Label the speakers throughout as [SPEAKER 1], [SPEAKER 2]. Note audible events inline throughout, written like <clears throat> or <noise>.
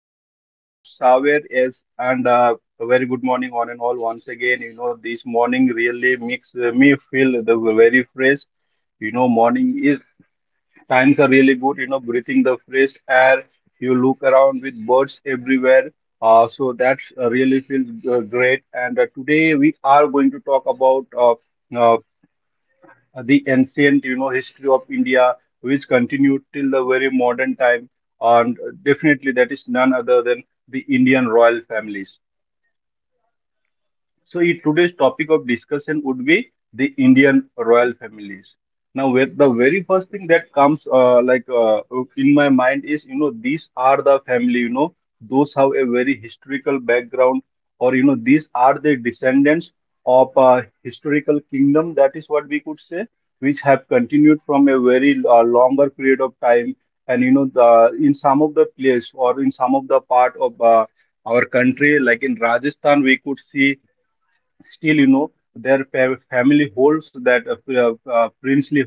[SPEAKER 1] This is your host Saver S, and a very good morning, one and all. Once again, this morning really makes me feel the very fresh. Morning is times are really good. Breathing the fresh air. You look around with birds everywhere. So that really feels great. And today we are going to talk about uh, the ancient history of India, which continued till the very modern time, and definitely that is none other than the Indian royal families. So today's topic of discussion would be the Indian royal families. Now, with the very first thing that comes like in my mind is, these are the family, those have a very historical background, or these are the descendants of a historical kingdom, that is what we could say, which have continued from a very longer period of time. And you know the in some of the place or in some of the part of our country like in Rajasthan, we could see still their family holds that princely.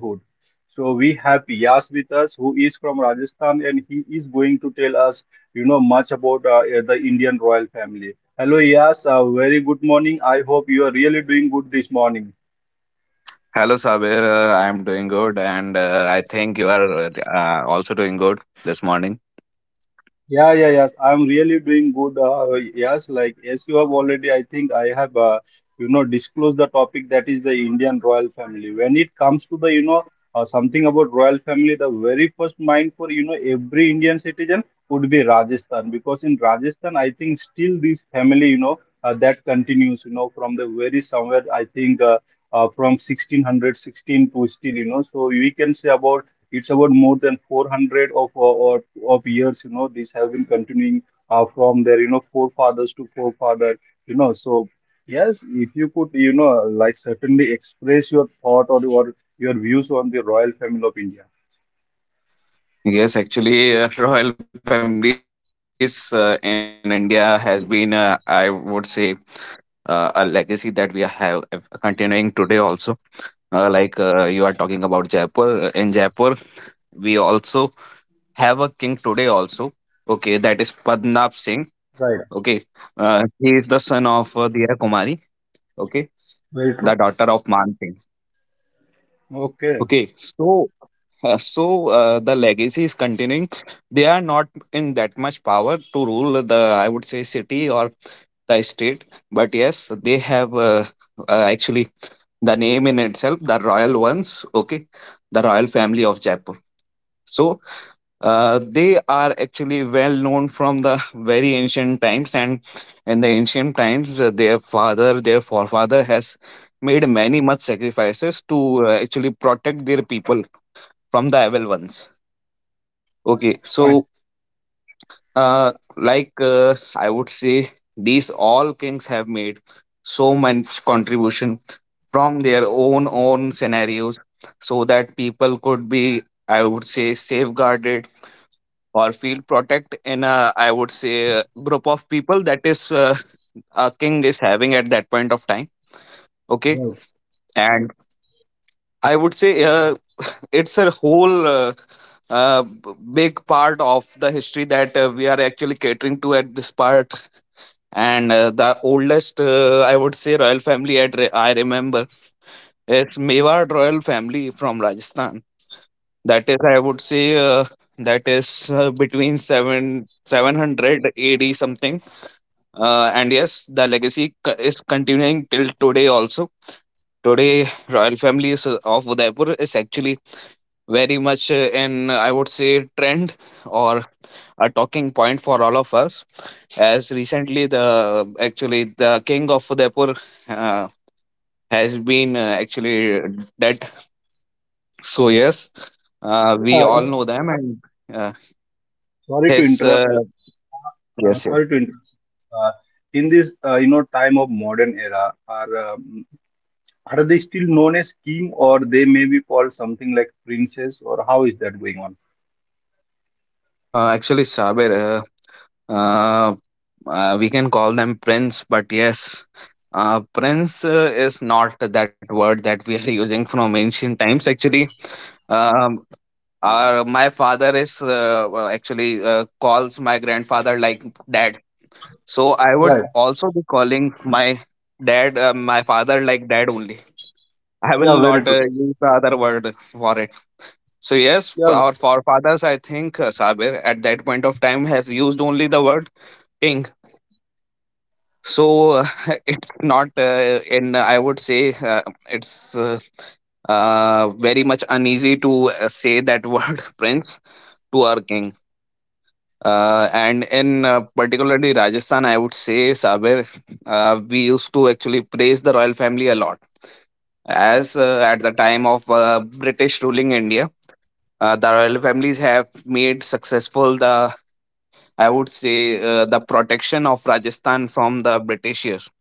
[SPEAKER 1] So we have Yas with us, who is from Rajasthan, and he is going to tell us much about the Indian royal family. Hello, Yas. Very good morning. I hope you are really doing good this morning.
[SPEAKER 2] Hello, Sabir. I'm doing good, and I think you are also doing good this morning.
[SPEAKER 1] Yeah, yeah, yes. I'm really doing good. Yes, like as you have already, I think I have, disclosed the topic, that is the Indian royal family. When it comes to something about royal family, the very first mind for, every Indian citizen would be Rajasthan, because in Rajasthan, I think still this family, that continues, from the very somewhere, I think from 1616 to still, so we can say about, it's about more than 400 of years. These have been continuing from their forefathers to forefather. So yes, if you could, like certainly express your thought or your views on the royal family of India.
[SPEAKER 2] Yes, actually, <laughs> royal families in India has been, I would say, a legacy that we have continuing today also. Like you are talking about Jaipur. In Jaipur, we also have a king today also. Padmanabh Singh.
[SPEAKER 1] Right.
[SPEAKER 2] Okay, he is the son of Diya Kumari. Okay,
[SPEAKER 1] Very
[SPEAKER 2] the
[SPEAKER 1] true.
[SPEAKER 2] daughter of Man Singh.
[SPEAKER 1] Okay.
[SPEAKER 2] Okay, so Uh, so the legacy is continuing. They are not in that much power to rule the, I would say, city or the state. But yes, they have uh, the name in itself, the royal ones. Okay, the royal family of Jaipur. So they are actually well known from the very ancient times, and in the ancient times, their father, their forefather has made many much sacrifices to actually protect their people from the evil ones. Okay,
[SPEAKER 1] Fine.
[SPEAKER 2] so like I would say, these all kings have made so much contribution from their own scenarios, so that people could be, I would say, safeguarded or feel protect in a, I would say, a group of people that is a king is having at that point of time. Okay,
[SPEAKER 1] Right.
[SPEAKER 2] and I would say it's a whole uh, b- big part of the history that we are actually catering to at this part, and the oldest I would say royal family I remember it's Mewar royal family from Rajasthan, that is I would say that is between 7 700 AD something, and yes, the legacy is continuing till today also. Today royal family of Udaipur is actually very much in, I would say, trend, or a talking point for all of us, as recently the actually the king of Udaipur uh, has been actually dead. So yes, we
[SPEAKER 1] uh,
[SPEAKER 2] all know them, and uh,
[SPEAKER 1] sorry to
[SPEAKER 2] his
[SPEAKER 1] interrupt. Uh,
[SPEAKER 2] yes,
[SPEAKER 1] sorry to
[SPEAKER 2] yes.
[SPEAKER 1] interrupt. Uh, in this, time of modern era, our are they still known as king, or they may be called something like princess, or how is that going on?
[SPEAKER 2] Actually, Sabir, uh, uh, we can call them prince, but yes, prince is not that word that we are <laughs> using from ancient times. Actually, um, my father is well, actually, calls my grandfather like dad. So I would
[SPEAKER 1] Right.
[SPEAKER 2] also be calling my father like dad only. I
[SPEAKER 1] Yeah,
[SPEAKER 2] will
[SPEAKER 1] very
[SPEAKER 2] not
[SPEAKER 1] true.
[SPEAKER 2] use the other word for it. So yes,
[SPEAKER 1] Yeah,
[SPEAKER 2] our forefathers, I think Sabir at that point of time has used only the word king. So <laughs> it's not in. I would say it's very much uneasy to say that word <laughs> prince to our king. And in particularly Rajasthan, I would say, Sabir, we used to actually praise the royal family a lot, as at the time of British ruling India, the royal families have made successful the, I would say, the protection of Rajasthan from the britishers,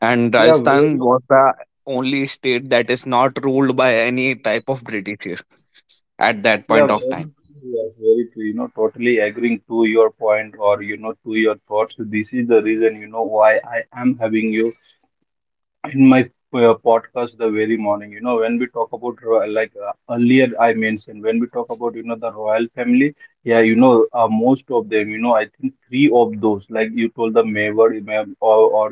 [SPEAKER 2] and
[SPEAKER 1] yeah,
[SPEAKER 2] Rajasthan
[SPEAKER 1] very,
[SPEAKER 2] was the only state that is not ruled by any type of britishers at that
[SPEAKER 1] yeah,
[SPEAKER 2] point
[SPEAKER 1] very
[SPEAKER 2] of time.
[SPEAKER 1] true. Yeah, very true. Totally agreeing to your point, or to your thoughts. This is the reason why I am having you in my podcast the very morning. When we talk about like, earlier I mentioned, when we talk about the royal family. Yeah. Most of them, I think three of those, like you told: the Mewar Imam, or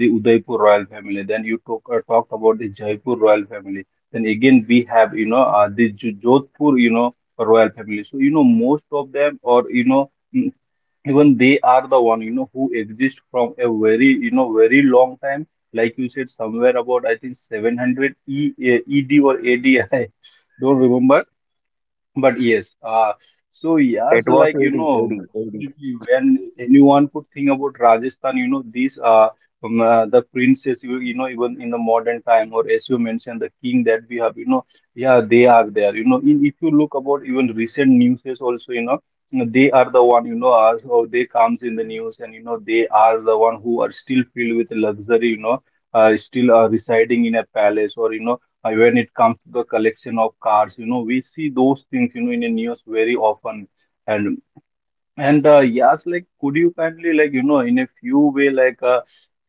[SPEAKER 1] the Udaipur royal family. Then you talked about the Jaipur royal family. Then again we have the Jodhpur royal family. So, most of them, or mm, even they are the one who exist from a very, very long time. Like you said somewhere, about I think 700 e, eh, ed or adi. <laughs> Don't remember. But yes, so yes,
[SPEAKER 2] It was
[SPEAKER 1] like,
[SPEAKER 2] AD, AD, AD.
[SPEAKER 1] definitely, when anyone could think about Rajasthan, these the princess, even in the modern time, or as you mentioned, the king that we have, yeah, they are there. If you look about, even recent news is also, they are the one, so they comes in the news, and they are the one who are still filled with luxury, still residing in a palace, or when it comes to the collection of cars, we see those things in the news very often. And and uh, yes, like, could you kindly, like, in a few way, like,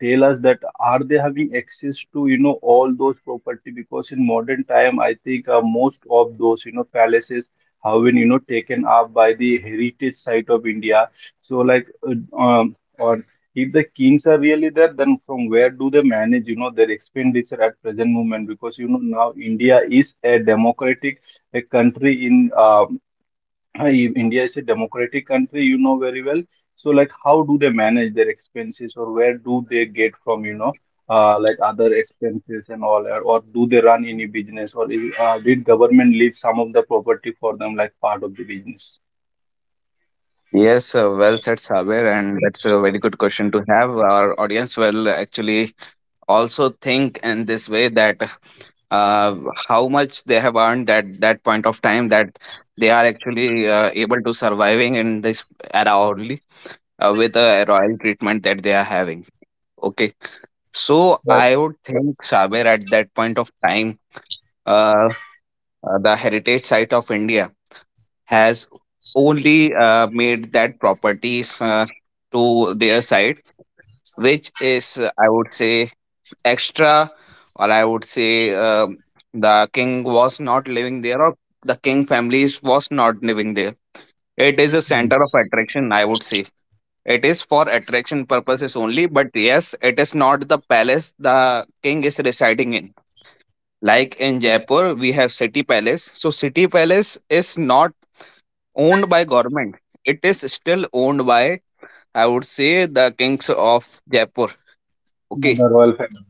[SPEAKER 1] tell us that are they having access to, all those property? Because in modern time, I think most of those, palaces have been, taken up by the heritage site of India. So, like, or if the kings are really there, then from where do they manage, their expenditure at present moment? Because, now India is a democratic a country in. Hi, India is a democratic country, you know very well. So, like, how do they manage their expenses, or where do they get from, like other expenses and all, or do they run any business, or did government leave some of the property for them, like part of the business?
[SPEAKER 2] Yes, well said, Sabir, and that's a very good question to have. Our audience will actually also think in this way, that uh, how much they have earned at that point of time, that they are actually able to surviving in this era only, with the royal treatment that they are having. Okay, so I
[SPEAKER 1] Right.
[SPEAKER 2] would think, Saber, at that point of time, uh, the heritage site of India has only made that properties to their side, which is I would say extra, or I would say, um the king was not living there, or the king families was not living there. It is a
[SPEAKER 1] Um,
[SPEAKER 2] center of attraction, I would say. It is for attraction purposes only, but yes, it is not the palace the king is residing in. Like in Jaipur, we have city palace, so city palace is not owned by government. It is still owned by, I would say, the kings of Jaipur. Okay,
[SPEAKER 1] the royal family.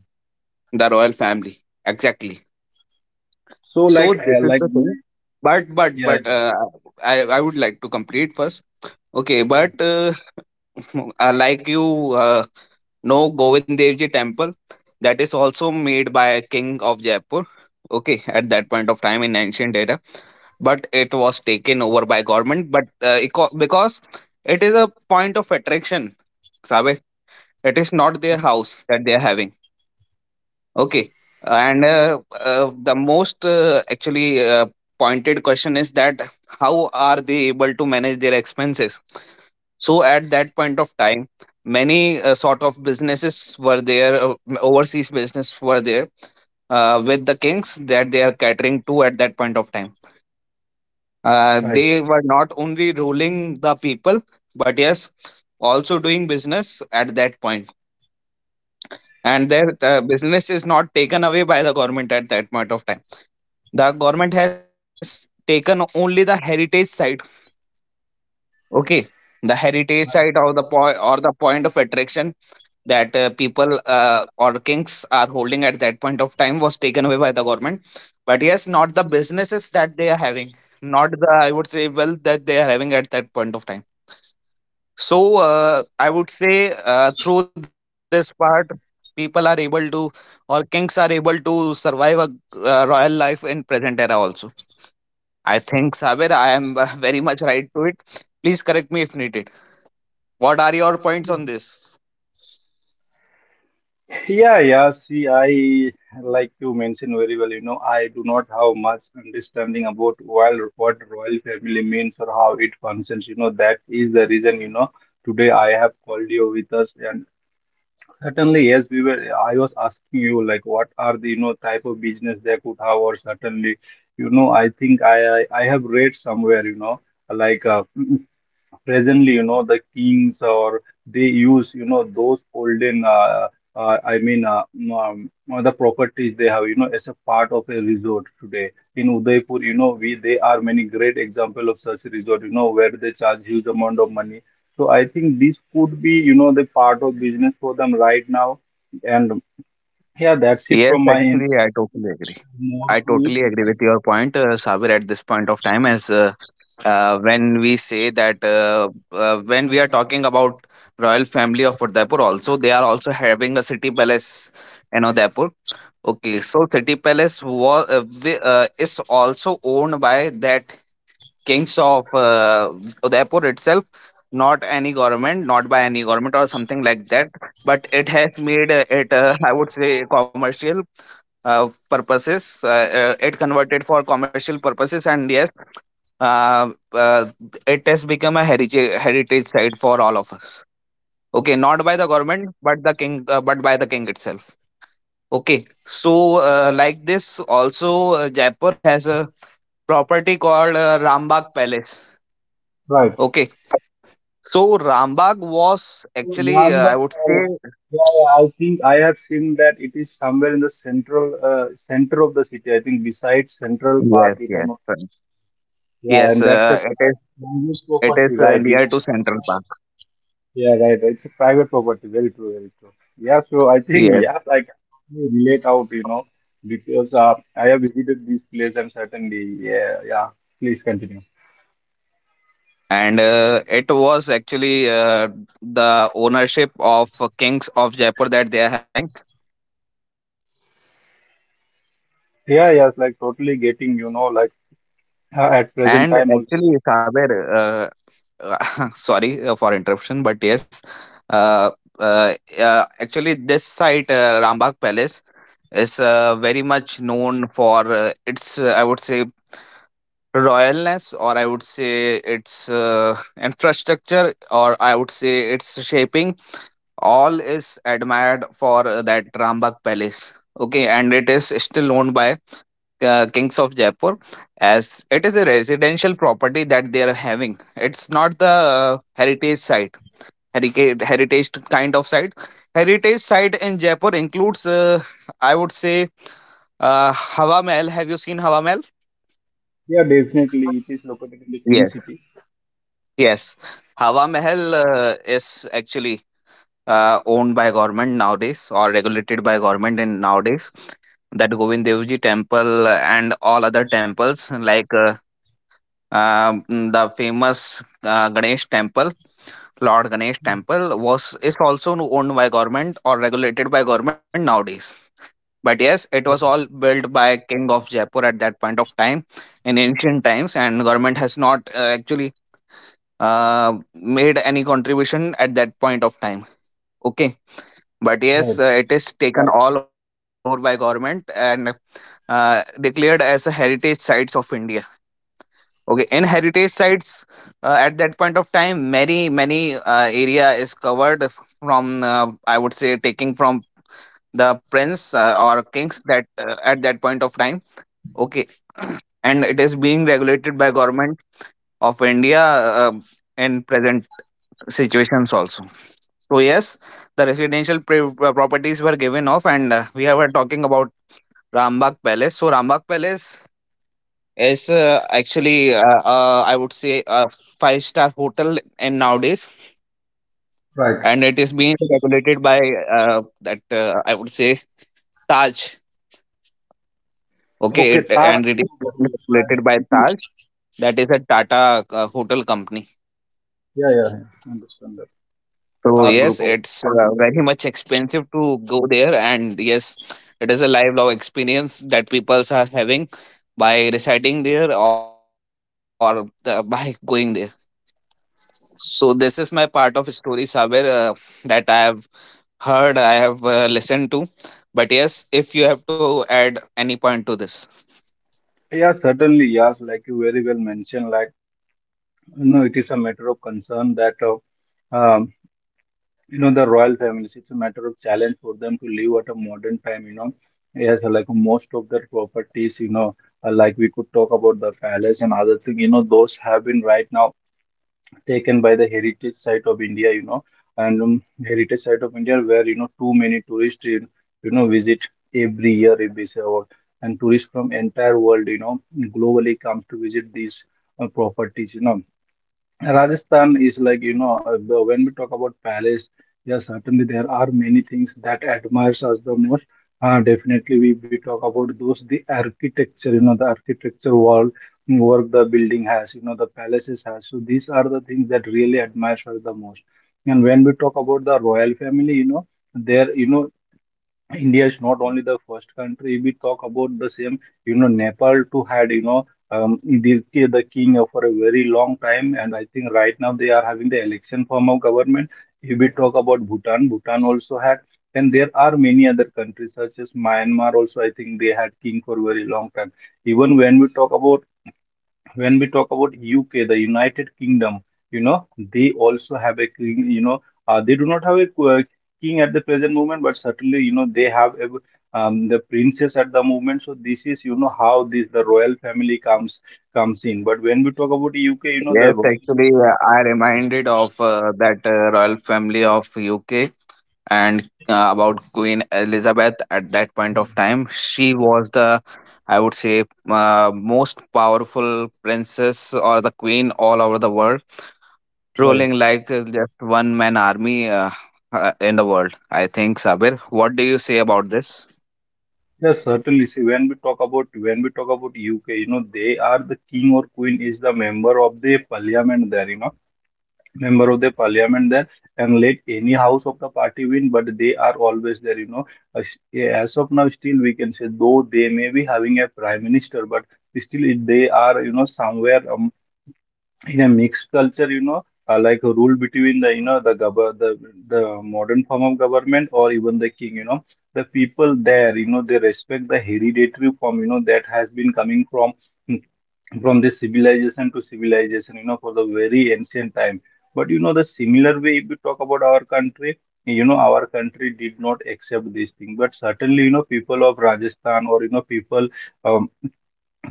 [SPEAKER 2] the royal family, exactly.
[SPEAKER 1] So,
[SPEAKER 2] So
[SPEAKER 1] like,
[SPEAKER 2] this is the thing. But but
[SPEAKER 1] yeah,
[SPEAKER 2] but uh, I would like to complete first. Okay, but <laughs> like you know, Govind Dev Ji temple, that is also made by King of Jaipur. Okay, at that point of time in ancient era, but it was taken over by government. But because it is a point of attraction, Sabe, it is not their house that they are having. Okay. And the most actually pointed question is that, how are they able to manage their expenses? So at that point of time, many sort of businesses were there, overseas business were there with the kings that they are catering to at that point of time.
[SPEAKER 1] right.
[SPEAKER 2] They were not only ruling the people, but yes, also doing business at that point. And their business is not taken away by the government at that point of time. The government has taken only the heritage site. Okay, the heritage site, or the point, or the point of attraction that people or kings are holding at that point of time was taken away by the government. But yes, not the businesses that they are having, not the, I would say, wealth that they are having at that of time. So I would say, through this part, people are able to, or kings are able to, survive a royal life in present era also. I think, Sabir, I am <laughs> very much right to it. Please correct if needed. What are your points on this?
[SPEAKER 1] Yeah, yeah. See, I like you mentioned very well. I do not have much understanding about royal, what royal family means or how it functions. That is the reason. Today I have called you with us, and certainly, yes, we were. I was asking you, like, what are the type of business they could have, or certainly, I think I have read somewhere. Like, <clears throat> presently the kings, or they use those olden, I mean, um, the properties they have, as a part of a resort today in Udaipur. We, they are many great example of such resort, where they charge huge amount of money. So I think this could be, the part of business for them right now. And yeah, that's it
[SPEAKER 2] Yes,
[SPEAKER 1] from my end.
[SPEAKER 2] actually, I totally agree.
[SPEAKER 1] More
[SPEAKER 2] I
[SPEAKER 1] to it.
[SPEAKER 2] totally agree with your point, Sabir, at this point of time, as when we say that, when we are talking about royal family of Udaipur, also they are also having a city palace in Udaipur. Okay, so city palace is also owned by that kings of Udaipur itself, not any government, not by any government or something like that. But it has made it, I would say, commercial purposes. It converted for commercial purposes, and yes, uh, uh, it has become a heritage site for all of us. Okay, not by the government, the king, but by the king itself. Okay, so like this, also Jaipur has a property called Rambagh Palace.
[SPEAKER 1] Right.
[SPEAKER 2] Okay, so Rambagh was actually, I
[SPEAKER 1] Lamba
[SPEAKER 2] would say,
[SPEAKER 1] Falls. Yeah, yeah, I think I have seen that it is somewhere in the central center of the city. I think besides Central Park,
[SPEAKER 2] yes,
[SPEAKER 1] if I'm
[SPEAKER 2] yes,
[SPEAKER 1] not, yeah,
[SPEAKER 2] yes.
[SPEAKER 1] and that's a
[SPEAKER 2] Uh, it is
[SPEAKER 1] private
[SPEAKER 2] it is
[SPEAKER 1] property,
[SPEAKER 2] uh,
[SPEAKER 1] right? Yeah,
[SPEAKER 2] near to Central Park.
[SPEAKER 1] yeah, right. Right. It's a private property. Very true, very true. Yeah, so I think,
[SPEAKER 2] Yes.
[SPEAKER 1] yeah, I can totally relate out, because I have visited this place and certainly, yeah, yeah. Please continue.
[SPEAKER 2] And it was actually the ownership of Kings of Jaipur that they are having.
[SPEAKER 1] Yeah, yeah, it's like totally getting, like, at present
[SPEAKER 2] And
[SPEAKER 1] time also.
[SPEAKER 2] actually, Saber, <laughs> sorry for interruption, but yes, uh, uh, actually, this site, Rambagh Palace, is very much known for its, I would say, royalness, or I would say its infrastructure, or I would say its shaping, all is admired for that Rambagh Palace. Okay, and it is still owned by Kings of Jaipur, as it is a residential property that they are having. It's not the heritage site, heritage kind of site. Heritage site in Jaipur includes, I would say, Hawa Mahal. Have you seen Hawa Mahal?
[SPEAKER 1] Yeah, definitely, it is located in the Pink
[SPEAKER 2] Yes.
[SPEAKER 1] City.
[SPEAKER 2] Yes. Hawa Mahal is actually owned by government nowadays, or regulated by government in nowadays, that Govind Dev Ji temple and all other temples, like the famous Ganesh temple, Lord Ganesh temple was is also owned by government or regulated by government nowadays. But yes, it was all built by King of Jaipur at that point of time in ancient times, and government has not actually made any contribution at that point of time. Okay, but
[SPEAKER 1] Right.
[SPEAKER 2] yes, it is taken all over by government, and declared as a heritage sites of India. Okay, in heritage sites at that point of time, many area is covered from, I would say, taking from the prince, or kings that, at that point of time. Okay, and it is being regulated by government of India uh, in present situations also. So yes, the residential properties were given off, and we are talking about Rambagh Palace. So Rambagh Palace is actually I would say a five-star hotel in nowadays,
[SPEAKER 1] Right.
[SPEAKER 2] and it is being regulated by that I would say Taj. Okay,
[SPEAKER 1] Okay,
[SPEAKER 2] it
[SPEAKER 1] Taj
[SPEAKER 2] and it
[SPEAKER 1] group
[SPEAKER 2] is
[SPEAKER 1] of hotels. Fine.
[SPEAKER 2] regulated by Taj. That is a Tata hotel company.
[SPEAKER 1] Yeah, yeah, yeah. Understand that.
[SPEAKER 2] So
[SPEAKER 1] Taj
[SPEAKER 2] yes,
[SPEAKER 1] group of.
[SPEAKER 2] it's very much expensive to go there, and yes, it is a lifelong experience that peoples are having by residing there, or by going there. So this is my part of story, Saber, that I have heard, I have listened to. But yes, if you have to add any point to this.
[SPEAKER 1] Yeah, certainly, yes. Like you very well mentioned, like, it is a matter of concern that, um, the royal families, it's a matter of challenge for them to live at a modern time. Yes, like most of their properties, like we could talk about the palace and other thing, those have been right now taken by the heritage site of India, and heritage site of India, where, too many tourists visit every year, and tourists from entire world, globally comes to visit these properties. Rajasthan is like, when we talk about palace, yes, certainly there are many things that admires us the most. Definitely, we talk about those, the architecture, the architecture work the building has, the palaces has. So these are the things that really admires us the most. And when we talk about the royal family, there, India is not only the first country. We talk about the same, Nepal too had, the king for a very long time, and I think right now they are having the election form of government. If we talk about Bhutan, Bhutan also had, and there are many other countries such as Myanmar also. I think they had king for very long time. Even when we talk about UK, the United Kingdom, they also have a king. They do not have a king at the present moment, but certainly, they have the princess at the moment. So this is, how this the royal family comes in. But when we talk about UK, the
[SPEAKER 2] Yes, actually, I reminded of that royal family of UK and about Queen Elizabeth at that point of time. She was the, I would say, most powerful princess or the queen all over the world.
[SPEAKER 1] right,
[SPEAKER 2] Trolling like just one man army, in the world. I think Sabir, what do you say about this?
[SPEAKER 1] yes, certainly. See, when we talk about UK, they are the king or queen is the member of the parliament there. You know, member of the parliament there. And let any house of the party win, but they are always there, you know. As as of now, still we can say though they may be having a prime minister, but still they are, you know, somewhere in a mixed culture, you know, like a rule between the, you know, the the modern form of government or even the king, you know. The people there, you know, they respect the hereditary form, you know, that has been coming from this civilization to civilization, you know, for the very ancient time. But you know, the similar way, if you talk about our country, you know, our country did not accept this thing. But certainly, you know, people of Rajasthan or, you know, people, um,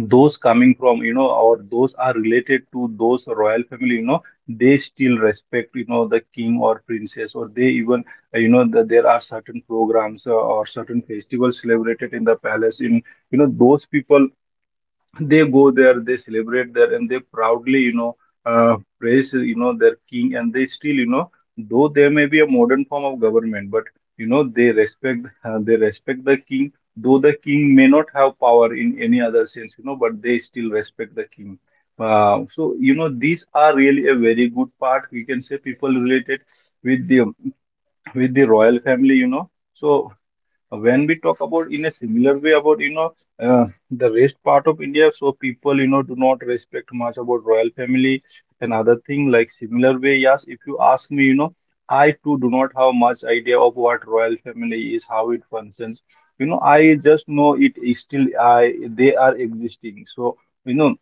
[SPEAKER 1] those coming from, you know, or those are related to those royal family, you know, they still respect, you know, the king or princess, or they even, you know, there are certain programs or certain festivals celebrated in the palace. In, you know, those people, they go there, they celebrate there, and they proudly, you know, praise, you know, their king. And they still, you know, though there may be a modern form of government, but you know, they respect, they respect the king. Though the king may not have power in any other sense, you know, but they still respect the king. So you know, these are really a very good part. We can say people related with the with the royal family, you know. So when we talk about in a similar way about, you know, uh, the rest part of India, so people, you know, do not respect much about royal family and other thing. Like similar way, yes, if you ask me, you know, I too do not have much idea of what royal family is, how it functions. You know, I just know it is still I they are existing. So you know,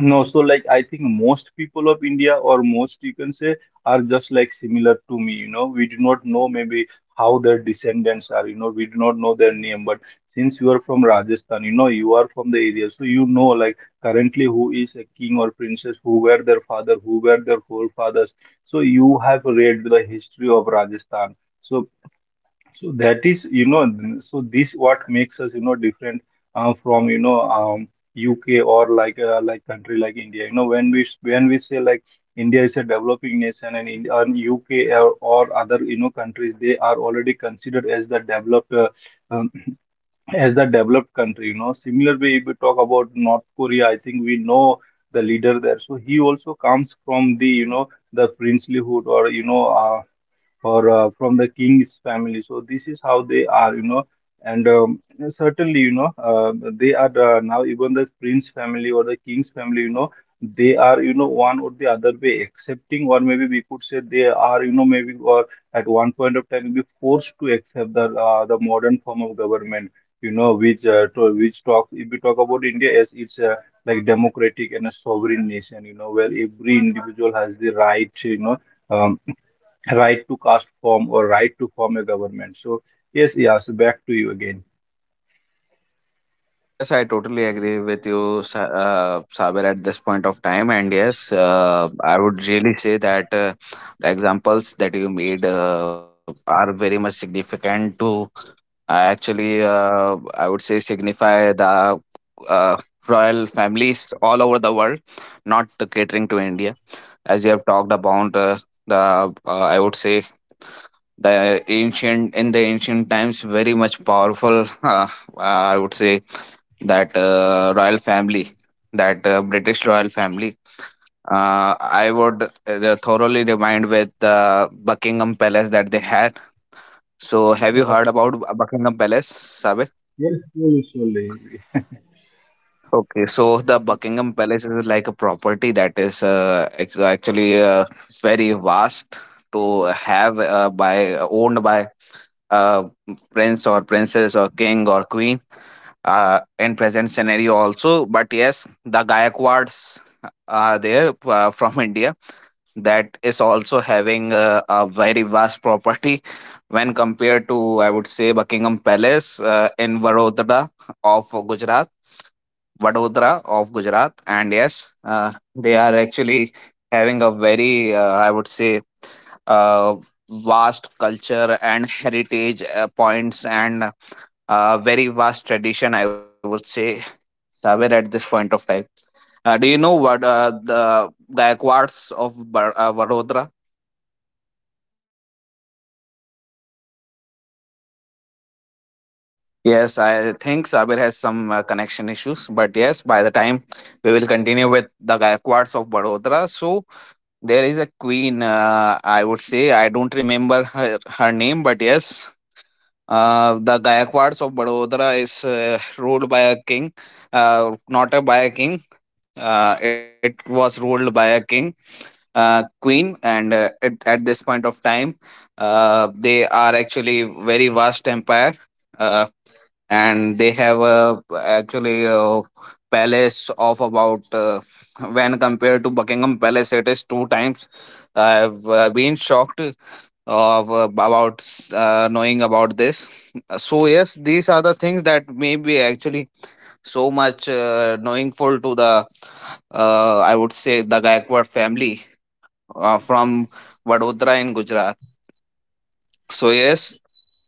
[SPEAKER 1] no, so like I think most people of India, or most you can say, are just like similar to me. You know, we do not know maybe how their descendants are. You know, we do not know their name. But since you are from Rajasthan, you know, you are from the area, so you know, like currently who is a king or princess, who were their father, who were their forefathers. So you have read the history of Rajasthan. So so that is, you know, so this what makes us, you know, different from, you know, UK or like country like India. You know, when we when we say like India is a developing nation and in and UK or other, you know, countries, they are already considered as the developed um, <clears throat> as the developed country. You know, similar way if we talk about North Korea, I think we know the leader there. So he also comes from the, you know, the princelyhood or you know. Or from the king's family. So this is how they are, you know. And certainly, you know, they are now even the prince family or the king's family, you know, they are, you know, one or the other way accepting, or maybe we could say they are, you know, maybe or at one point of time be forced to accept the the modern form of government. You know, which which talk if we talk about India as it's like democratic and a sovereign nation, you know, where every individual has the right, you know, um, right to cast form or right to form a government. So yes, yes, back to you again.
[SPEAKER 2] Yes, I totally agree with you, Saber, at this point of time. And yes, I would really say that the examples that you made are very much significant to actually, I would say, signify the uh, royal families all over the world, not catering to. As you have talked about the, I would say, the ancient in the ancient times very much powerful <laughs> uh, I would say that royal family, that British royal family, uh, I would thoroughly remind with the Buckingham Palace that they had. So have you
[SPEAKER 1] Yeah.
[SPEAKER 2] heard about Buckingham Palace, Sabir?
[SPEAKER 1] Yes, surely, surely.
[SPEAKER 2] Okay, so the Buckingham Palace is like a property that is actually very vast to have by owned by uh, prince or princess or king or queen in present scenario also. But yes, the Gaikwads are there from <laughs> India, that is also having a very vast property when compared to, I would say, Buckingham Palace in Vadodara of Gujarat.
[SPEAKER 1] Yes, I think we must be having
[SPEAKER 2] And
[SPEAKER 1] some
[SPEAKER 2] yes,
[SPEAKER 1] network or
[SPEAKER 2] they are
[SPEAKER 1] connectivity.
[SPEAKER 2] actually
[SPEAKER 1] So
[SPEAKER 2] having a
[SPEAKER 1] <clears throat>
[SPEAKER 2] very, I would say,
[SPEAKER 1] So yes,
[SPEAKER 2] uh,
[SPEAKER 1] I think you're able to
[SPEAKER 2] vast
[SPEAKER 1] hear me. If
[SPEAKER 2] culture
[SPEAKER 1] you are
[SPEAKER 2] and
[SPEAKER 1] not, please
[SPEAKER 2] heritage
[SPEAKER 1] let me know, you
[SPEAKER 2] points
[SPEAKER 1] know, so
[SPEAKER 2] and
[SPEAKER 1] that maybe I
[SPEAKER 2] very
[SPEAKER 1] can
[SPEAKER 2] vast
[SPEAKER 1] continue with
[SPEAKER 2] tradition,
[SPEAKER 1] the
[SPEAKER 2] I would
[SPEAKER 1] topic
[SPEAKER 2] say,
[SPEAKER 1] with whatsoever,
[SPEAKER 2] somewhere
[SPEAKER 1] you
[SPEAKER 2] at
[SPEAKER 1] know,
[SPEAKER 2] this point of time.
[SPEAKER 1] thought process I
[SPEAKER 2] Do you
[SPEAKER 1] have
[SPEAKER 2] know
[SPEAKER 1] or
[SPEAKER 2] what
[SPEAKER 1] whatsoever idea
[SPEAKER 2] the
[SPEAKER 1] I.
[SPEAKER 2] Gaikwads of Vadodara? Yes, I think Sabir has some connection issues, but yes, by the time we will continue with the Gaikwads of Vadodara. So, there is a queen. I would say I don't remember her name, but yes, the Gayakwads of Badodara is ruled by a king, not a by a king. It was ruled by a king, queen, and at this point of time, they are actually very vast empire. Uh, and they have a actually a palace of about, when compared to Buckingham Palace, it is two times. I've been shocked of about knowing about this. So yes, these are the things that may be actually so much knowingful to the, I would say, the Gaikwad family from Vadodara in Gujarat. So yes,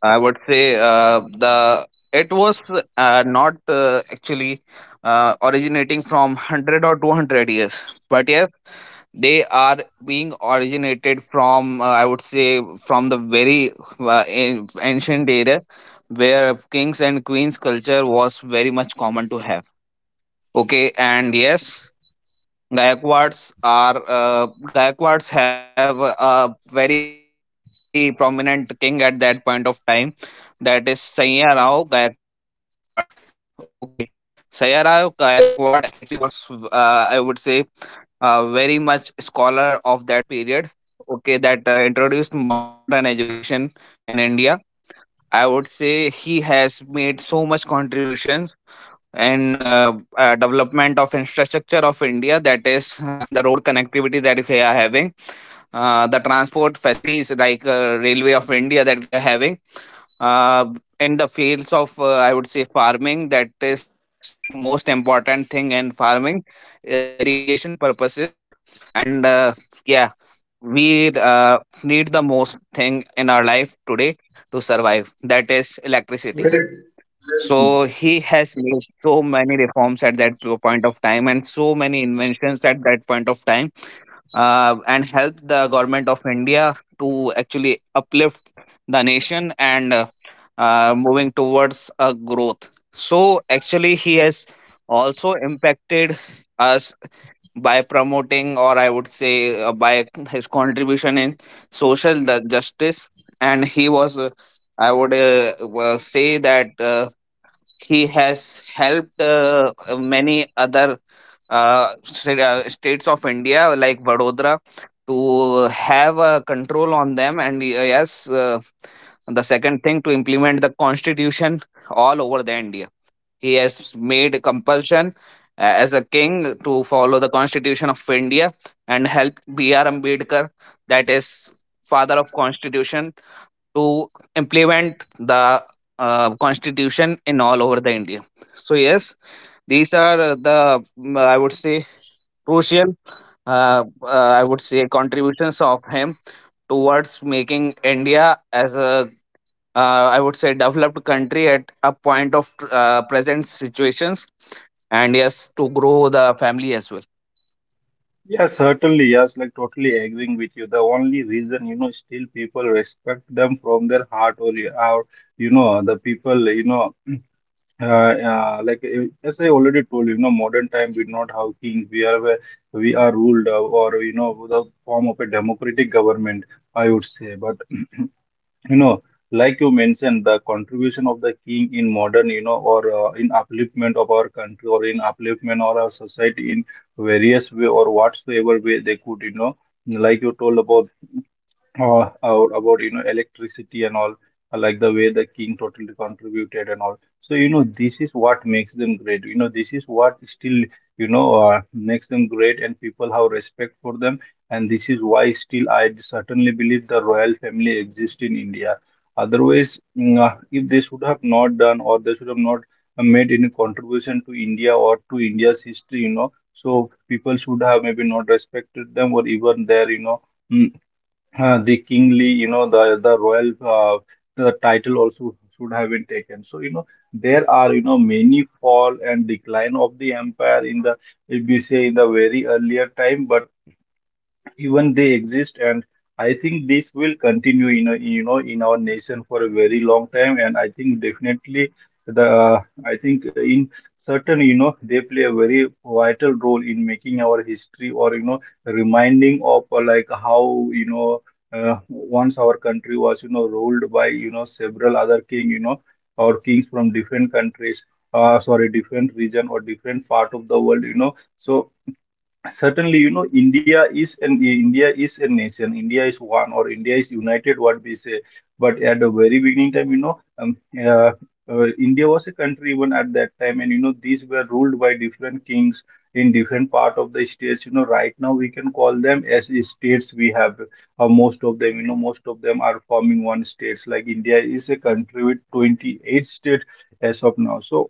[SPEAKER 2] I would say the it was not actually originating from 100 or 200 years, but yes, they are being originated from, I would say, from the very ancient era where kings and queens culture was very much common to have. Okay, and yes, Gaekwads are Gaikwads have a very prominent king at that point of time. That is Sayyarao Gaekwad. Okay, Sayyarao Gaekwad actually was, I would say, very much scholar of that period. Okay, that introduced modern education in India. I would say he has made so much contributions in development of infrastructure of India. That is the road connectivity that we are having, the transport facilities like railway of India, that we are having uh, in the fields of, I would say, farming. That is most important thing in farming, the irrigation purposes. And yeah, we need the most thing in our life today to survive, that is
[SPEAKER 1] Very
[SPEAKER 2] electricity. So
[SPEAKER 1] true.
[SPEAKER 2] he has made so many reforms at that point of time and so many inventions at that point of time, and help the government of India to actually uplift the nation and, moving towards a growth. So actually, he has also impacted us by promoting, or I would say, by his contribution in social the justice. And he was, I would say that he has helped many other states of India, Vadodara, to have a control on them. And yes, the second thing, to implement the constitution all over the India, he has made compulsion as a king to follow the constitution of India and help BR Ambedkar, that is father of constitution, to implement the constitution in all over the India. So yes, these are I would say crucial, I would say, contributions of him towards making India as a, I would say, developed country at a point of present situations, and yes to grow the family as well.
[SPEAKER 1] Yes, like totally agreeing with you. The only reason you people respect them from their heart or, or you know, the people, you know, uh, every time we not have kings, we are where we are ruled or, you know, the form of a democratic government, I would say. But, <clears throat> you know, like you mentioned, the contribution of the king in modern, you know, or in upliftment of our country or in upliftment or our society in various way or whatsoever way they could, you know, like you told about. Out about, you know, electricity and all, I like the way the king totally contributed and all. So you know, this is what makes them great, you know. This is what still, you know, makes them great, and people have respect for them. And this is why still I certainly believe the royal family exists in India. Otherwise, if they should have not done, or they should have not made any contribution to India or to India's history, you know, so people should have maybe not respected them, or even their, you know, mm, the kingly, you know, the royal the title also should have been taken. So you know, there are, you know, many fall and decline of the empire in the, if we say, in the very earlier time, but even they exist. And I think this will continue in a, you know, in our nation for a very long time. And I think definitely the I think in certain, you know, they play a very vital role in making our history or, you know, reminding of, like how, you know, once our country was, you know, ruled by, you know, several other king, you know, or kings from different countries, sorry, different region or different part of the world, you know. So certainly, you know, India is an, India is a nation, India is one, or India is united, what we say. But at the very beginning time, you know, uh, India was a country even at that time, and you know, these were ruled by different kings in different part of the states, you know. Right now we can call them as states. We have most of them, you know, most of them are forming one states, like India is a country with 28 states as of now. So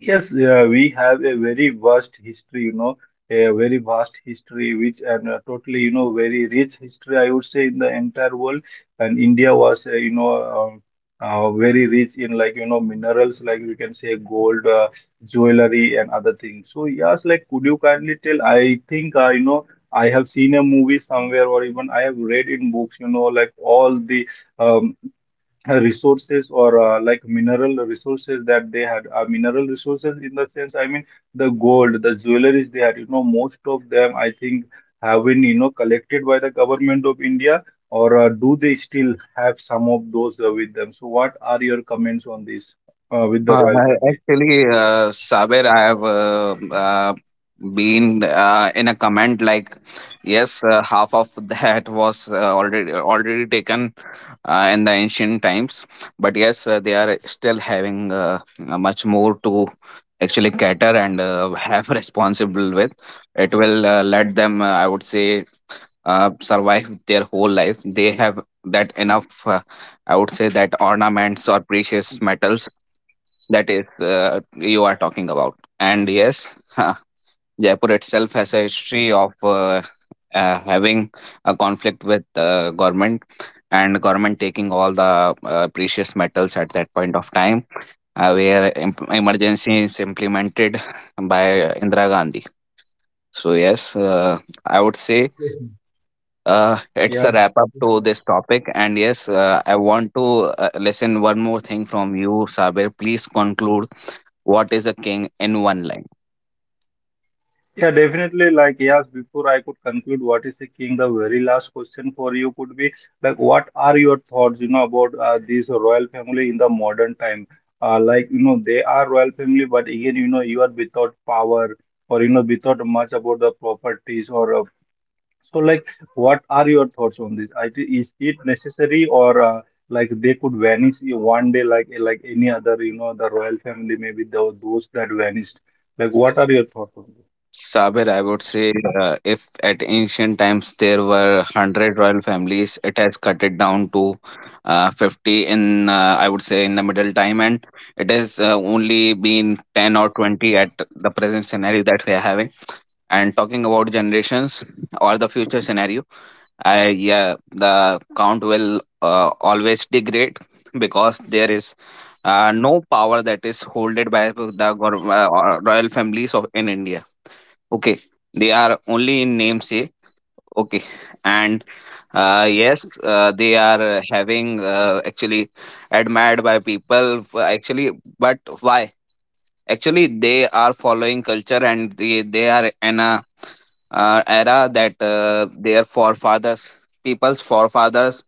[SPEAKER 1] yes, we have a very vast history, you know, a very vast history, which and totally, you know, very rich history, I would say, in the entire world. And India was, you know, um, very rich in, like, you know, minerals, like we can say gold, jewelry, and other things. So, yes, like, could you kindly tell? I think, you know, I have seen a movie somewhere, or even I have read in books, you know, like all the um, resources or like mineral resources that they had. Mineral resources in the sense, I mean, the gold, the jewelries they had, you know, most of them, I think, have been, you know, collected by the government of India. Or do they still have some of those with them? So what are your comments on this with the royal family?
[SPEAKER 2] Actually, Sabir, I have been in a comment like, yes, half of that was already taken in the ancient times, but yes, they are still having much more to actually cater and have <laughs> responsible with. It will let them, I would say, survive their whole life. They have that enough, I would say, that ornaments or precious metals that is you are talking about. And yes, huh, Jaipur itself has a history of having a conflict with government, and government taking all the precious metals at that point of time, where emergency is implemented by Indira Gandhi. So yes, I would say it's
[SPEAKER 1] Yeah.
[SPEAKER 2] a wrap up to this topic, and yes I want to listen one more thing from you, Sabir. Please conclude, what is a king in one line?
[SPEAKER 1] Yeah, definitely. Like, yes, before I could conclude, what is a king? The very last question for you could be like, what are your thoughts, you know, about this royal family in the modern time? Like, you know, they are royal family, but again, you know, you are without power or, you know, without much about the properties or so. Like, what are your thoughts on this? Is it necessary or like they could vanish you one day, like any other, you know, the royal family, maybe those that vanished. Like, what are your thoughts on this?
[SPEAKER 2] Sabir, I would say if at ancient times there were 100 royal families, it has cut it down to 50 in, I would say, in the middle time, and it has only been 10 or 20 at the present scenario that we are having. And talking about generations or the future scenario, I yeah, the count will always degrade because there is no power that is holded by the royal families of in India. Okay, they are only in namesake. Okay, and yes, they are having actually admired by people. Actually, but why? Actually, they are following culture and they are in a, era that their forefathers, people's forefathers,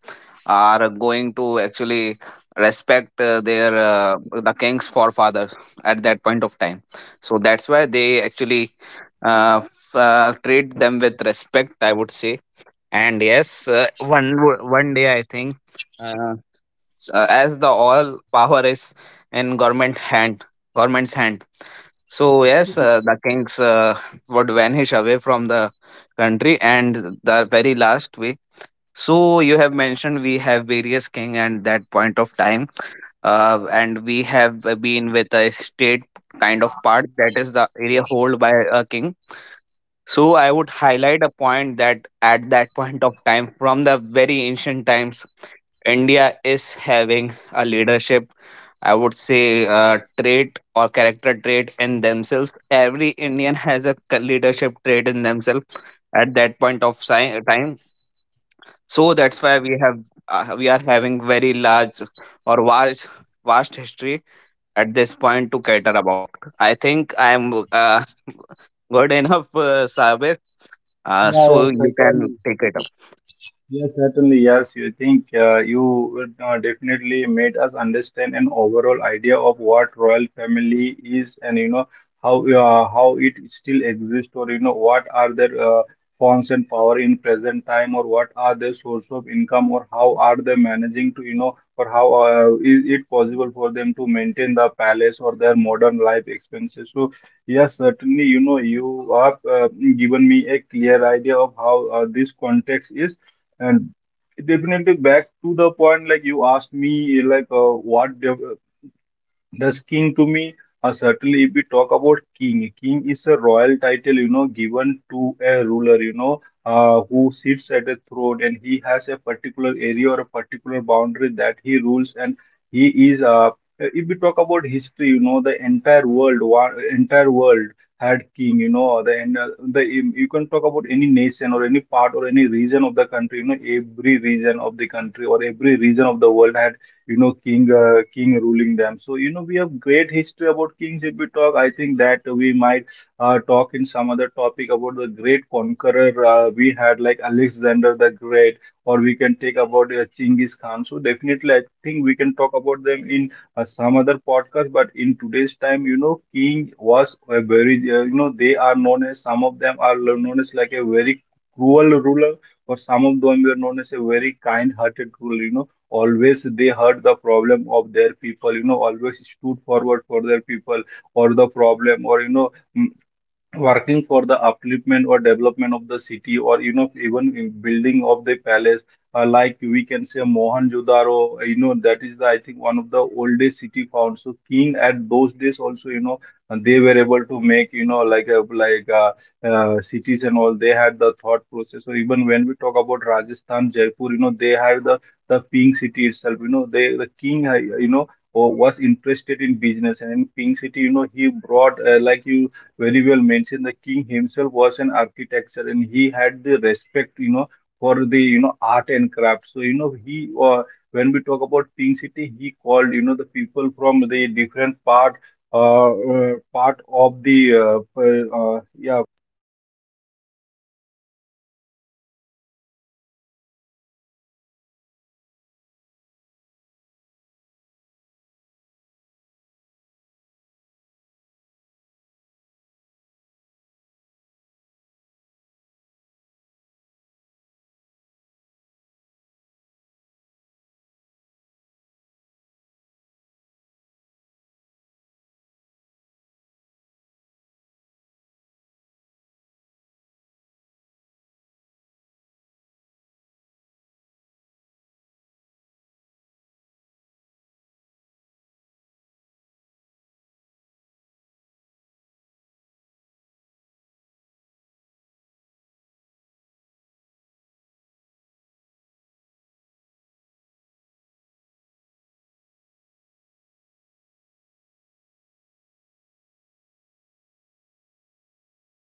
[SPEAKER 2] are going to actually respect their, the king's forefathers at that point of time. So that's why they actually treat them with respect, I would say. And yes, one day I think, uh, as the all power is in government's hand. So yes, the kings would vanish away from the country, and the very last way. So you have mentioned we have various king at that point of time, and we have been with a state kind of part, that is the area hold by a king. So I would highlight a point that at that <laughs> point of time, from the very ancient times, India is having a leadership, I would say, trait or character trait in themselves. Every Indian has a leadership trait in themselves at that point of time. So that's why we are having very large or vast history at this point to cater about. I think I am good <laughs> enough, Sabir.
[SPEAKER 1] Yeah,
[SPEAKER 2] So
[SPEAKER 1] yeah,
[SPEAKER 2] you can
[SPEAKER 1] cycling.
[SPEAKER 2] take it up.
[SPEAKER 1] Yes, certainly. Yes, you think you would, definitely made us understand an overall idea of what royal family is, and you know how it still exists, or you know what are their forms and power in present time, or what are the source of income, or how are they managing to, you know, or how is it possible for them to maintain the palace or their modern life expenses? So yes, certainly, you know, you have given me a clear idea of how this context is. And definitely back to the point, like you asked me, like what dev does king to me? Certainly, if we talk about king, king is a royal title, you know, given to a ruler, you know, who sits at a throne and he has a particular area or a particular boundary that he rules, and he is. If we talk about history, you know, the entire world, one, entire world had king, you know, the you can talk about any nation or any part or any region of the country, you know, every region of the country or every region of the world had, you know, king, king ruling them. So you know, we have great history about kings. If we talk, I think that we might talk in some other topic about the great conqueror we had, like Alexander the Great, or we can take about Chinggis Khan. So definitely, I think we can talk about them in some other podcast. But in today's time, you know, King was a very, you know, they are known as, some of them are known as like a very cruel ruler, or some of them were known as a very kind-hearted ruler. You know, always they heard the problem of their people, you know, always stood forward for their people or the problem, or you know, working for the upliftment or development of the city, or you know, even in building of the palace, like we can say Mohenjo-daro, you know, that is the, I think, one of the oldest city found. So king at those days also, you know, they were able to make, you know, like a, cities and all. They had the thought process, or even when we talk about Rajasthan Jaipur, you know, they had the pink city itself, you know. They, the king, you know, was interested in business, and in pink city, you know, he brought, like you very well mentioned, the king himself was an architecture and he had the respect, you know, for the, you know, art and craft. So, you know, he, when we talk about Pink City, he called, you know, the people from the different part, part of the, yeah,